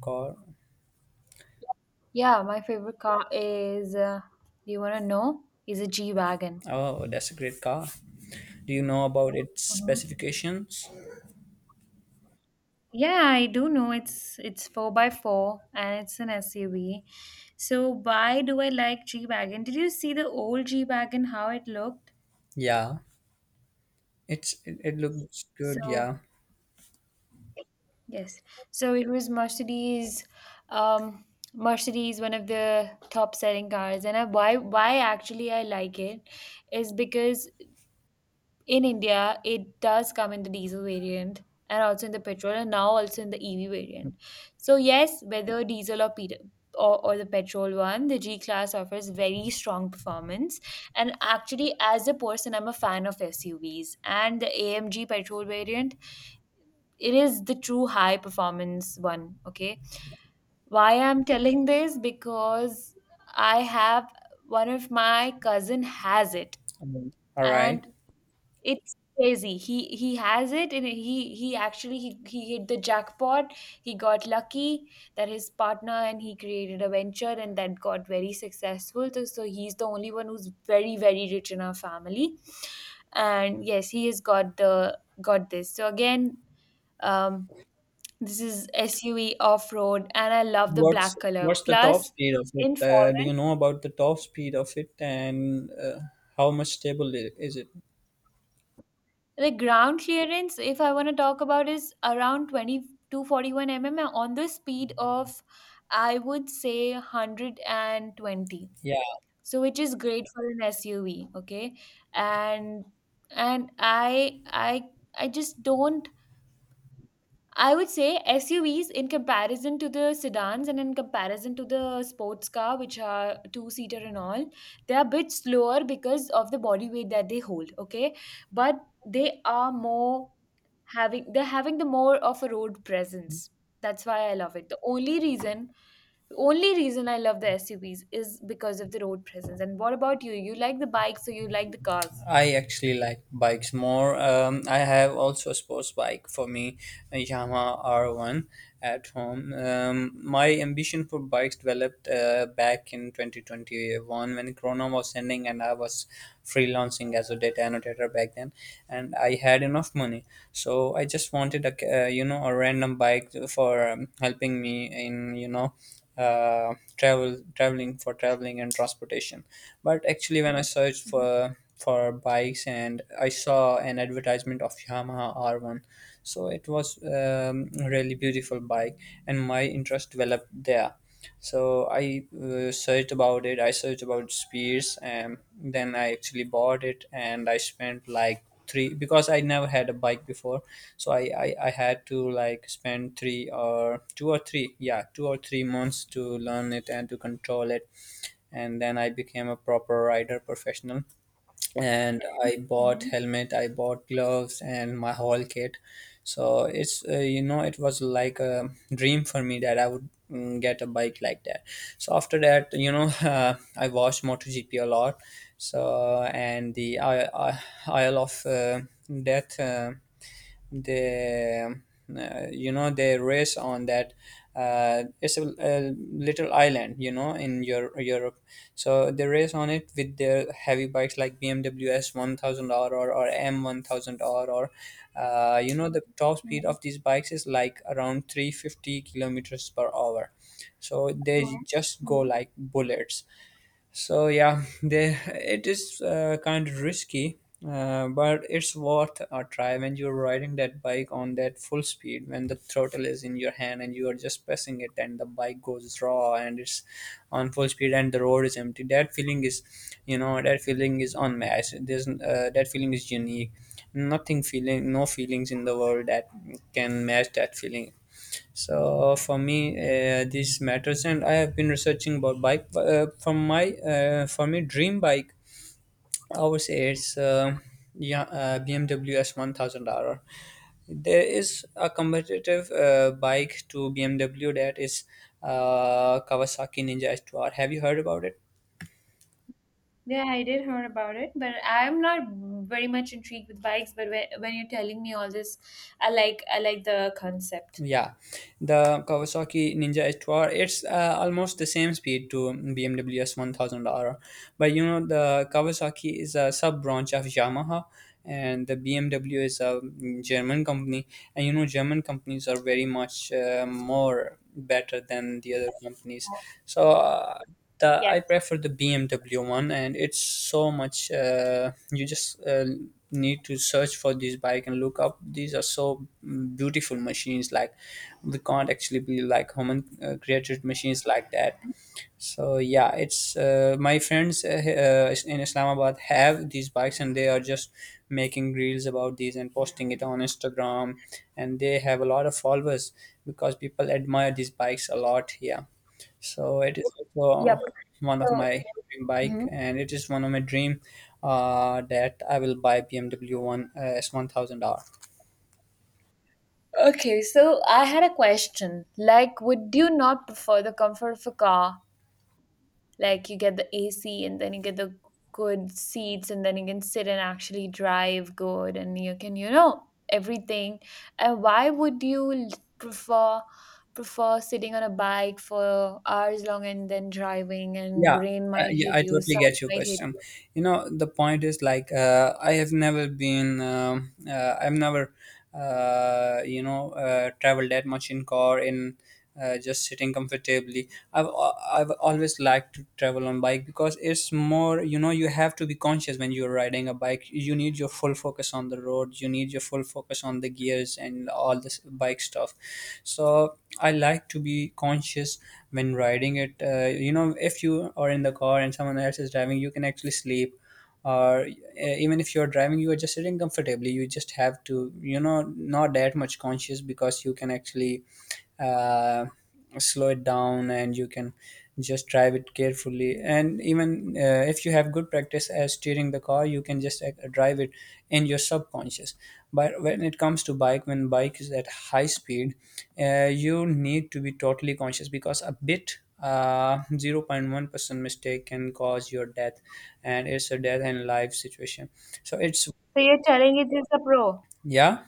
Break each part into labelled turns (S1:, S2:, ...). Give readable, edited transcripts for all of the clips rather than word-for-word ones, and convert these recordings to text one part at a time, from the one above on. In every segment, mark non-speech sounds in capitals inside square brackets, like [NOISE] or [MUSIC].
S1: Car.
S2: Yeah, my favorite car is, do you want to know? Is a G-Wagon.
S1: Oh, that's a great car. Do you know about its
S2: Mhm.
S1: specifications?
S2: Yeah, I do know it's 4 by 4 and it's an SUV. So why do I like G-Wagon? Did you see the old G-Wagon how it looked?
S1: Yeah, it looks good.
S2: So
S1: Yeah.
S2: yes. So it was Mercedes um Mercedes, one of the top selling cars. And I, why actually I like it is because in India, it does come in the diesel variant and also in the petrol and now also in the EV variant. So yes, whether diesel or or the petrol one, the G class offers very strong performance. And actually, as a person, I'm a fan of SUVs and the AMG petrol variant. It is the true high performance one. Okay, why I'm telling this? Because I have one of my cousin has it
S1: I mean, all right.
S2: and it's crazy. He has it, and he actually he hit the jackpot. He got lucky that his partner and he created a venture, and that got very successful. So he's the only one who's very, very rich in our family, and yes, he has got the got this. So again, um, this is SUV off road, and I love the
S1: What's
S2: black color.
S1: what's the top
S2: Plus,
S1: speed of it?
S2: in
S1: Do
S2: foreign,
S1: you know about the top speed of it and how much stable is it?
S2: the ground clearance, if I want to talk about, is around twenty two forty one to mm. On the speed of, I would say 120,
S1: Yeah.
S2: so which is great for an SUV. Okay, and and I just don't, I would say, SUVs in comparison to the sedans and in comparison to the sports car, which are two seater and all, they are a bit slower because of the body weight that they hold. Okay, but they are more having they're having the more of a road presence. That's why I love it. The only reason I love the SUVs is because of the road presence. And what about you? You like the bikes, so you like the cars.
S1: I actually like bikes more. I have also a sports bike for me, a Yamaha R1 at home. My ambition for bikes developed back in 2021 when Corona was ending and I was freelancing as a data annotator back then, and I had enough money, so I just wanted a ca- you know a random bike for helping me in traveling for traveling and transportation, but actually when I searched
S2: Mm-hmm.
S1: for bikes, and I saw an advertisement of Yamaha R1. So it was really beautiful bike and my interest developed there. So I searched about it. I searched about spears, and then I actually bought it, and I spent like three, because I never had a bike before. So I had to like spend three or two or three, yeah, 2 or 3 months to learn it and to control it. And then I became a proper rider professional, and I bought helmet, I bought gloves, and my whole kit. So it's it was like a dream for me that I would get a bike like that. So after that, [LAUGHS] I watched MotoGP a lot. So and the I Isle of Death. They you know they race on that. It's a little island, in Europe. So they race on it with their heavy bikes like BMWs 1000 r, or M1000R, or the top speed of these bikes is like around 350 kilometers per hour, so they, just go
S2: Mm-hmm.
S1: like bullets. So yeah, it is kind of risky, but it's worth a try when you're riding that bike on that full speed, when the throttle is in your hand and you are just pressing it, and the bike goes raw and it's on full speed and the road is empty. That feeling is unmatched. There's that feeling is unique. Nothing feeling, No feelings in the world that can match that feeling. So for me, this matters, and I have been researching about bike. From my for me, dream bike, I would say it's yeah, BMW S1000RR. There is a competitive bike to BMW, that is Kawasaki Ninja S two R. Have you heard about it?
S2: Yeah, I did heard about it, but I'm not very much intrigued with bikes. But when you're telling me all this, I like the concept.
S1: Yeah, the Kawasaki Ninja H2R. It's almost the same speed to BMW S1000R, but you know the Kawasaki is a sub branch of Yamaha, and the BMW is a German company, and you know German companies are very much more better than the other companies. So the I
S2: Yes.
S1: prefer the BMW one, and it's so much. You just need to search for this bike and look up. These are so beautiful machines, like we can't actually be like human created machines like that. So yeah, it's my friends in Islamabad have these bikes, and they are just making reels about these and posting it on Instagram, and they have a lot of followers because people admire these bikes a lot here. So it is also
S2: Yep.
S1: one of
S2: So,
S1: my dream
S2: hmm.
S1: bike, and it is one of my dream, that I will buy BMW one, S1000R.
S2: Okay, so I had a question. Like, would you not prefer the comfort of a car, like you get the AC and then you get the good seats, and then you can sit and actually drive good and you can, you know, everything, and why would you prefer prefer sitting on a bike for hours long, and then driving, and
S1: Yeah,
S2: rain might
S1: yeah
S2: hit
S1: I
S2: you,
S1: totally
S2: sun
S1: get your
S2: might hit
S1: question.
S2: you.
S1: You know, the point is like, I've never traveled that much in car, in just sitting comfortably. I've always liked to travel on bike, because it's more, you know, you have to be conscious when you're riding a bike. You need your full focus on the road. You need your full focus on the gears and all this bike stuff. So I like to be conscious when riding it. If you are in the car and someone else is driving, you can actually sleep. Or even if you're driving, you are just sitting comfortably. You just have to, you know, not that much conscious, because you can actually uh, slow it down, and you can just drive it carefully. And even if you have good practice as steering the car, you can just drive it in your subconscious. But when it comes to bike, when bike is at high speed, you need to be totally conscious, because a bit 0.1% mistake can cause your death, and it's a death and life situation. So it's,
S2: So you're telling it is a pro.
S1: yeah.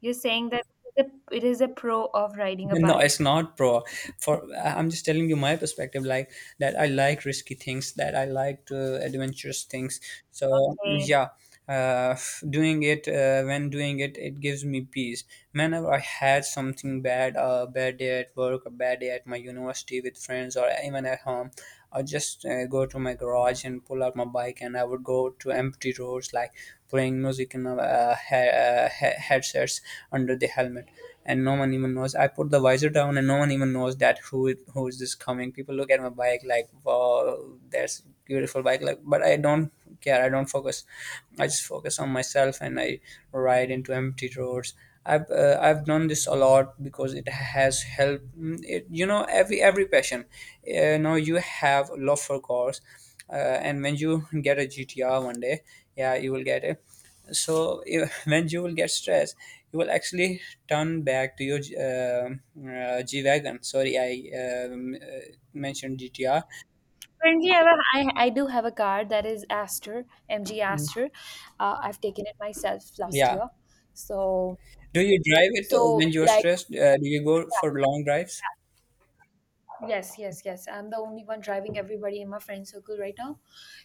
S2: You're saying that it is a pro of
S1: [LAUGHS]
S2: riding a
S1: No, it's
S2: bike.
S1: not, bro. I'm just telling you my perspective, like that I like risky things, that I like adventurous things. So
S2: Okay.
S1: yeah, uh, doing it when doing it, it gives me peace. Whenever I had something bad, a bad day at work, a bad day at my university with friends, or even at home, I just go to my garage and pull out my bike, and I would go to empty roads, like playing music in headsets under the helmet, and no one even knows. I put the visor down, and no one even knows that who is this coming. People look at my bike like, "Wow, that's beautiful bike!" Like, but I don't care. I don't focus. I just focus on myself, and I ride into empty roads. I've done this a lot because it has helped. Mm, It, you know, every passion. You know, you have love for cars, and when you get a GTR one day, yeah, you will get it. So [LAUGHS] when you will get stressed, you will actually turn back to your uh, G wagon. Sorry, I mentioned GTR.
S2: Currently, I do have a car that is Aster, MG
S1: Mm,
S2: Aster. I've taken it myself last
S1: yeah.
S2: year. So,
S1: Do you drive it when you're
S2: like,
S1: stressed? Do you go for long drives?
S2: yes, yes, yes. I'm the only one driving everybody in my friend circle right now.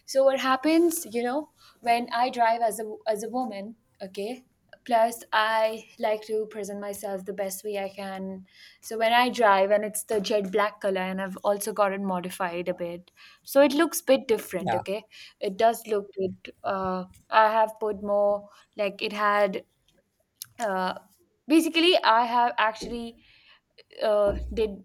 S2: So what happens, you know, when I drive as a woman, okay? Plus I like to present myself the best way I can. So when I drive and it's the jet black color and I've also got it modified a bit. So it looks bit different,
S1: Yeah.
S2: okay? It does look it, I have put more, like it had, uh basically I have actually, uh, did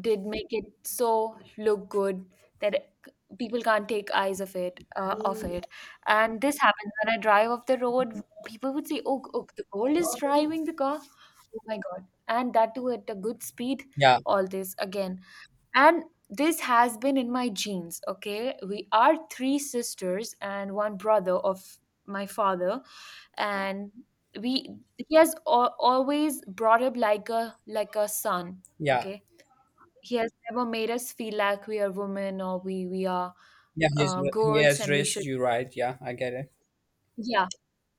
S2: did make it so look good that people can't take eyes of it off it. And this happens when I drive off the road. People would say, "Oh, oh, the gold is driving the car, oh my god," and that too at a good speed,
S1: Yeah.
S2: all this again. And this has been in my genes. Okay, we are three sisters and one brother of my father. And we, he has always brought up like a son.
S1: Yeah.
S2: Okay, he has never made us feel like we are women or we are,
S1: Yeah. He
S2: girls,
S1: has
S2: and we
S1: raised
S2: should.
S1: you right. Yeah, I get it.
S2: Yeah,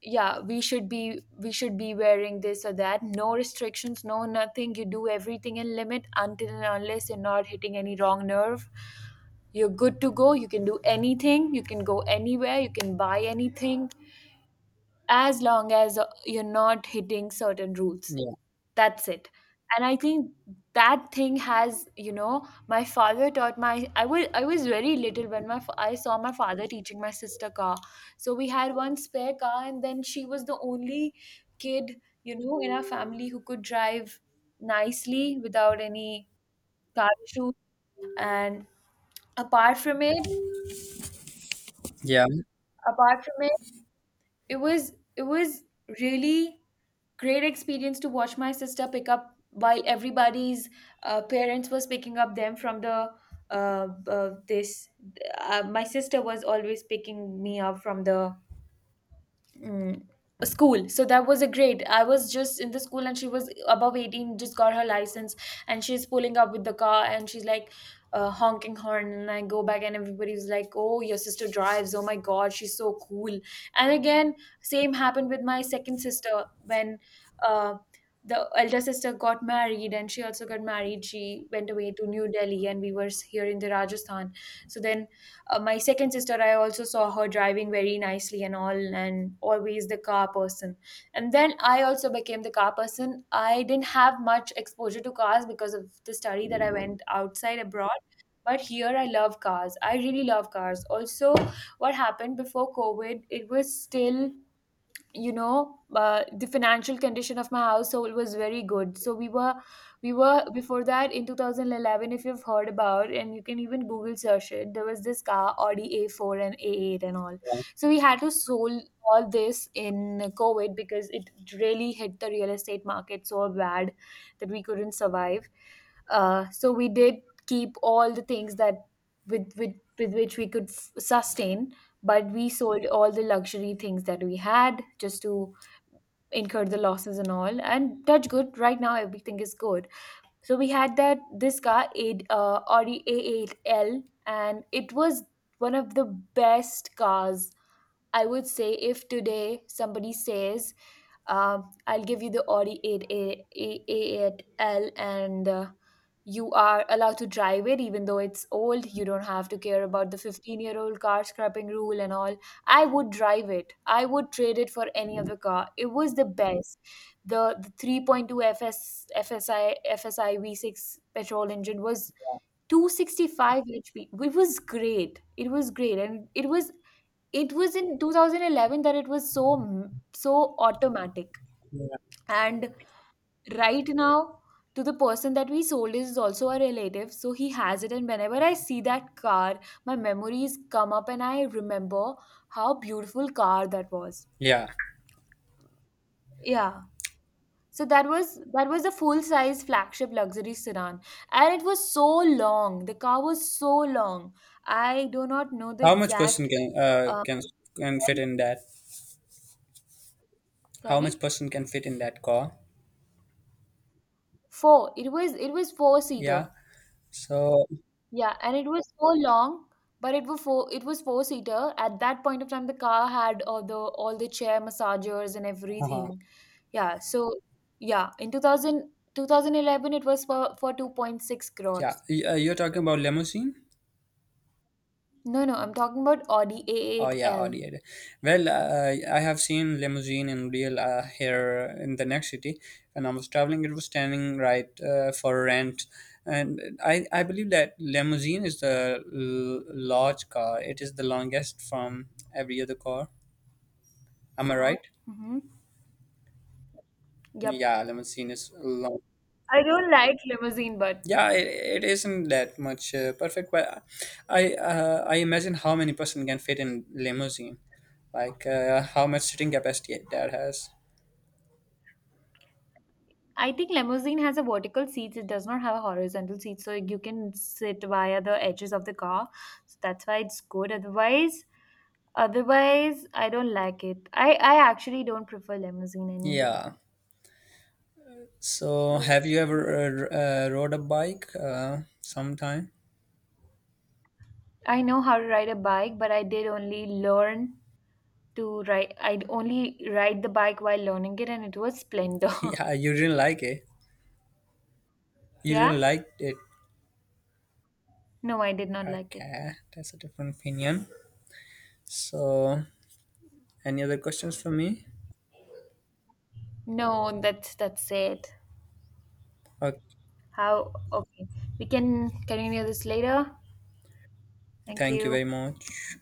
S2: yeah, we should be wearing this or that, no restrictions, no nothing, you do everything in limit until and unless you're not hitting any wrong nerve. You're good to go, you can do anything, you can go anywhere, you can buy anything as long as you're not hitting certain rules.
S1: Yeah.
S2: That's it. And I think that thing has, you know, my father taught my I was very little when I saw my father teaching my sister car. So we had one spare car and then she was the only kid, you know, in our family who could drive nicely without any car issues. And apart from it,
S1: Yeah.
S2: apart from it, it was really great experience to watch my sister pick up while everybody's parents was picking up them from the, this, my sister was always picking me up from the, mm, a school, so that was a grade. I was just in the school and she was above 18, just got her license, and she's pulling up with the car and she's like, honking horn. And I go back and everybody's like, "Oh, your sister drives, oh my god, she's so cool." And again, same happened with my second sister when uh, the elder sister got married, and she also got married, she went away to New Delhi and we were here in the Rajasthan. So then, my second sister, I also saw her driving very nicely and all, and always the car person. And then I also became the car person. I didn't have much exposure to cars because of the study that I went outside abroad. But here I love cars. I really love cars also. What happened before COVID, it was still, you know, the financial condition of my household was very good. So we were before that, in 2011, if you've heard about, and you can even Google search it, there was this car, Audi A4 and A8 and all. So we had to sold all this in COVID because it really hit the real estate market so bad that we couldn't survive. So we did keep all the things that with with with which we could sustain, but we sold all the luxury things that we had just to incur the losses and all. And touch good, right now everything is good. So we had that this car, a Audi A8L, and it was one of the best cars. I would say, if today somebody says, I'll give you the Audi 8A, a A, A8L, and you are allowed to drive it even though it's old, you don't have to care about the 15-year-old car scrapping rule and all. I would drive it. I would trade it for any other car. It was the best. The 3.2 FSI, FSI V6 petrol engine was 265 HP. It was great. It was great. And it was in 2011 that it was so automatic.
S1: Yeah.
S2: And right now, to the person that we sold is also a relative, so he has it. And whenever I see that car, my memories come up, and I remember how beautiful car that was.
S1: Yeah.
S2: Yeah. So that was a full size flagship luxury sedan, and it was so long. The car was so long. I do not know the
S1: How much person
S2: exact.
S1: can
S2: Uh,
S1: can fit in that? How much
S2: Sorry,
S1: person can fit in that car?
S2: four. It was four
S1: Yeah.
S2: seater.
S1: So,
S2: Yeah, and it was so long, but it was four seater. At that point of time, the car had all the chair massagers and
S1: uh
S2: everything. Yeah, so yeah, in two thousand eleven, it was for 2.6
S1: yeah.
S2: crores.
S1: You're talking about limousine?
S2: No, no, I'm talking about Audi
S1: Oh yeah,
S2: A8L.
S1: Audi. Audi. Well, I have seen limousine in real, here in the next city. When I was traveling, it was standing right, for rent, and I believe that limousine is the large car. It is the longest from every other car. Am I, right?
S2: Mm-hmm. Yep.
S1: Yeah, limousine is long.
S2: I don't like limousine, but
S1: Yeah, it isn't that much perfect, but I imagine how many person can fit in limousine, like how much sitting capacity that has.
S2: I think limousine has a vertical seat. It does not have a horizontal seat, so you can sit via the edges of the car. So that's why it's good. Otherwise, I don't like it. I actually don't prefer limousine anyway.
S1: Yeah. So, have you ever rode a bike sometime?
S2: I know how to ride a bike, but I did only learn to ride. I only ride the bike while learning it, and it was Splendor.
S1: [LAUGHS] Yeah, you didn't like it.
S2: [LAUGHS]
S1: You didn't
S2: yeah.
S1: like it.
S2: No, I did not like it.
S1: Okay, that's a different opinion. So, any other questions for me?
S2: No, that's it.
S1: Okay,
S2: How? Okay, we can continue this later. Thank
S1: thank you
S2: you.
S1: very much.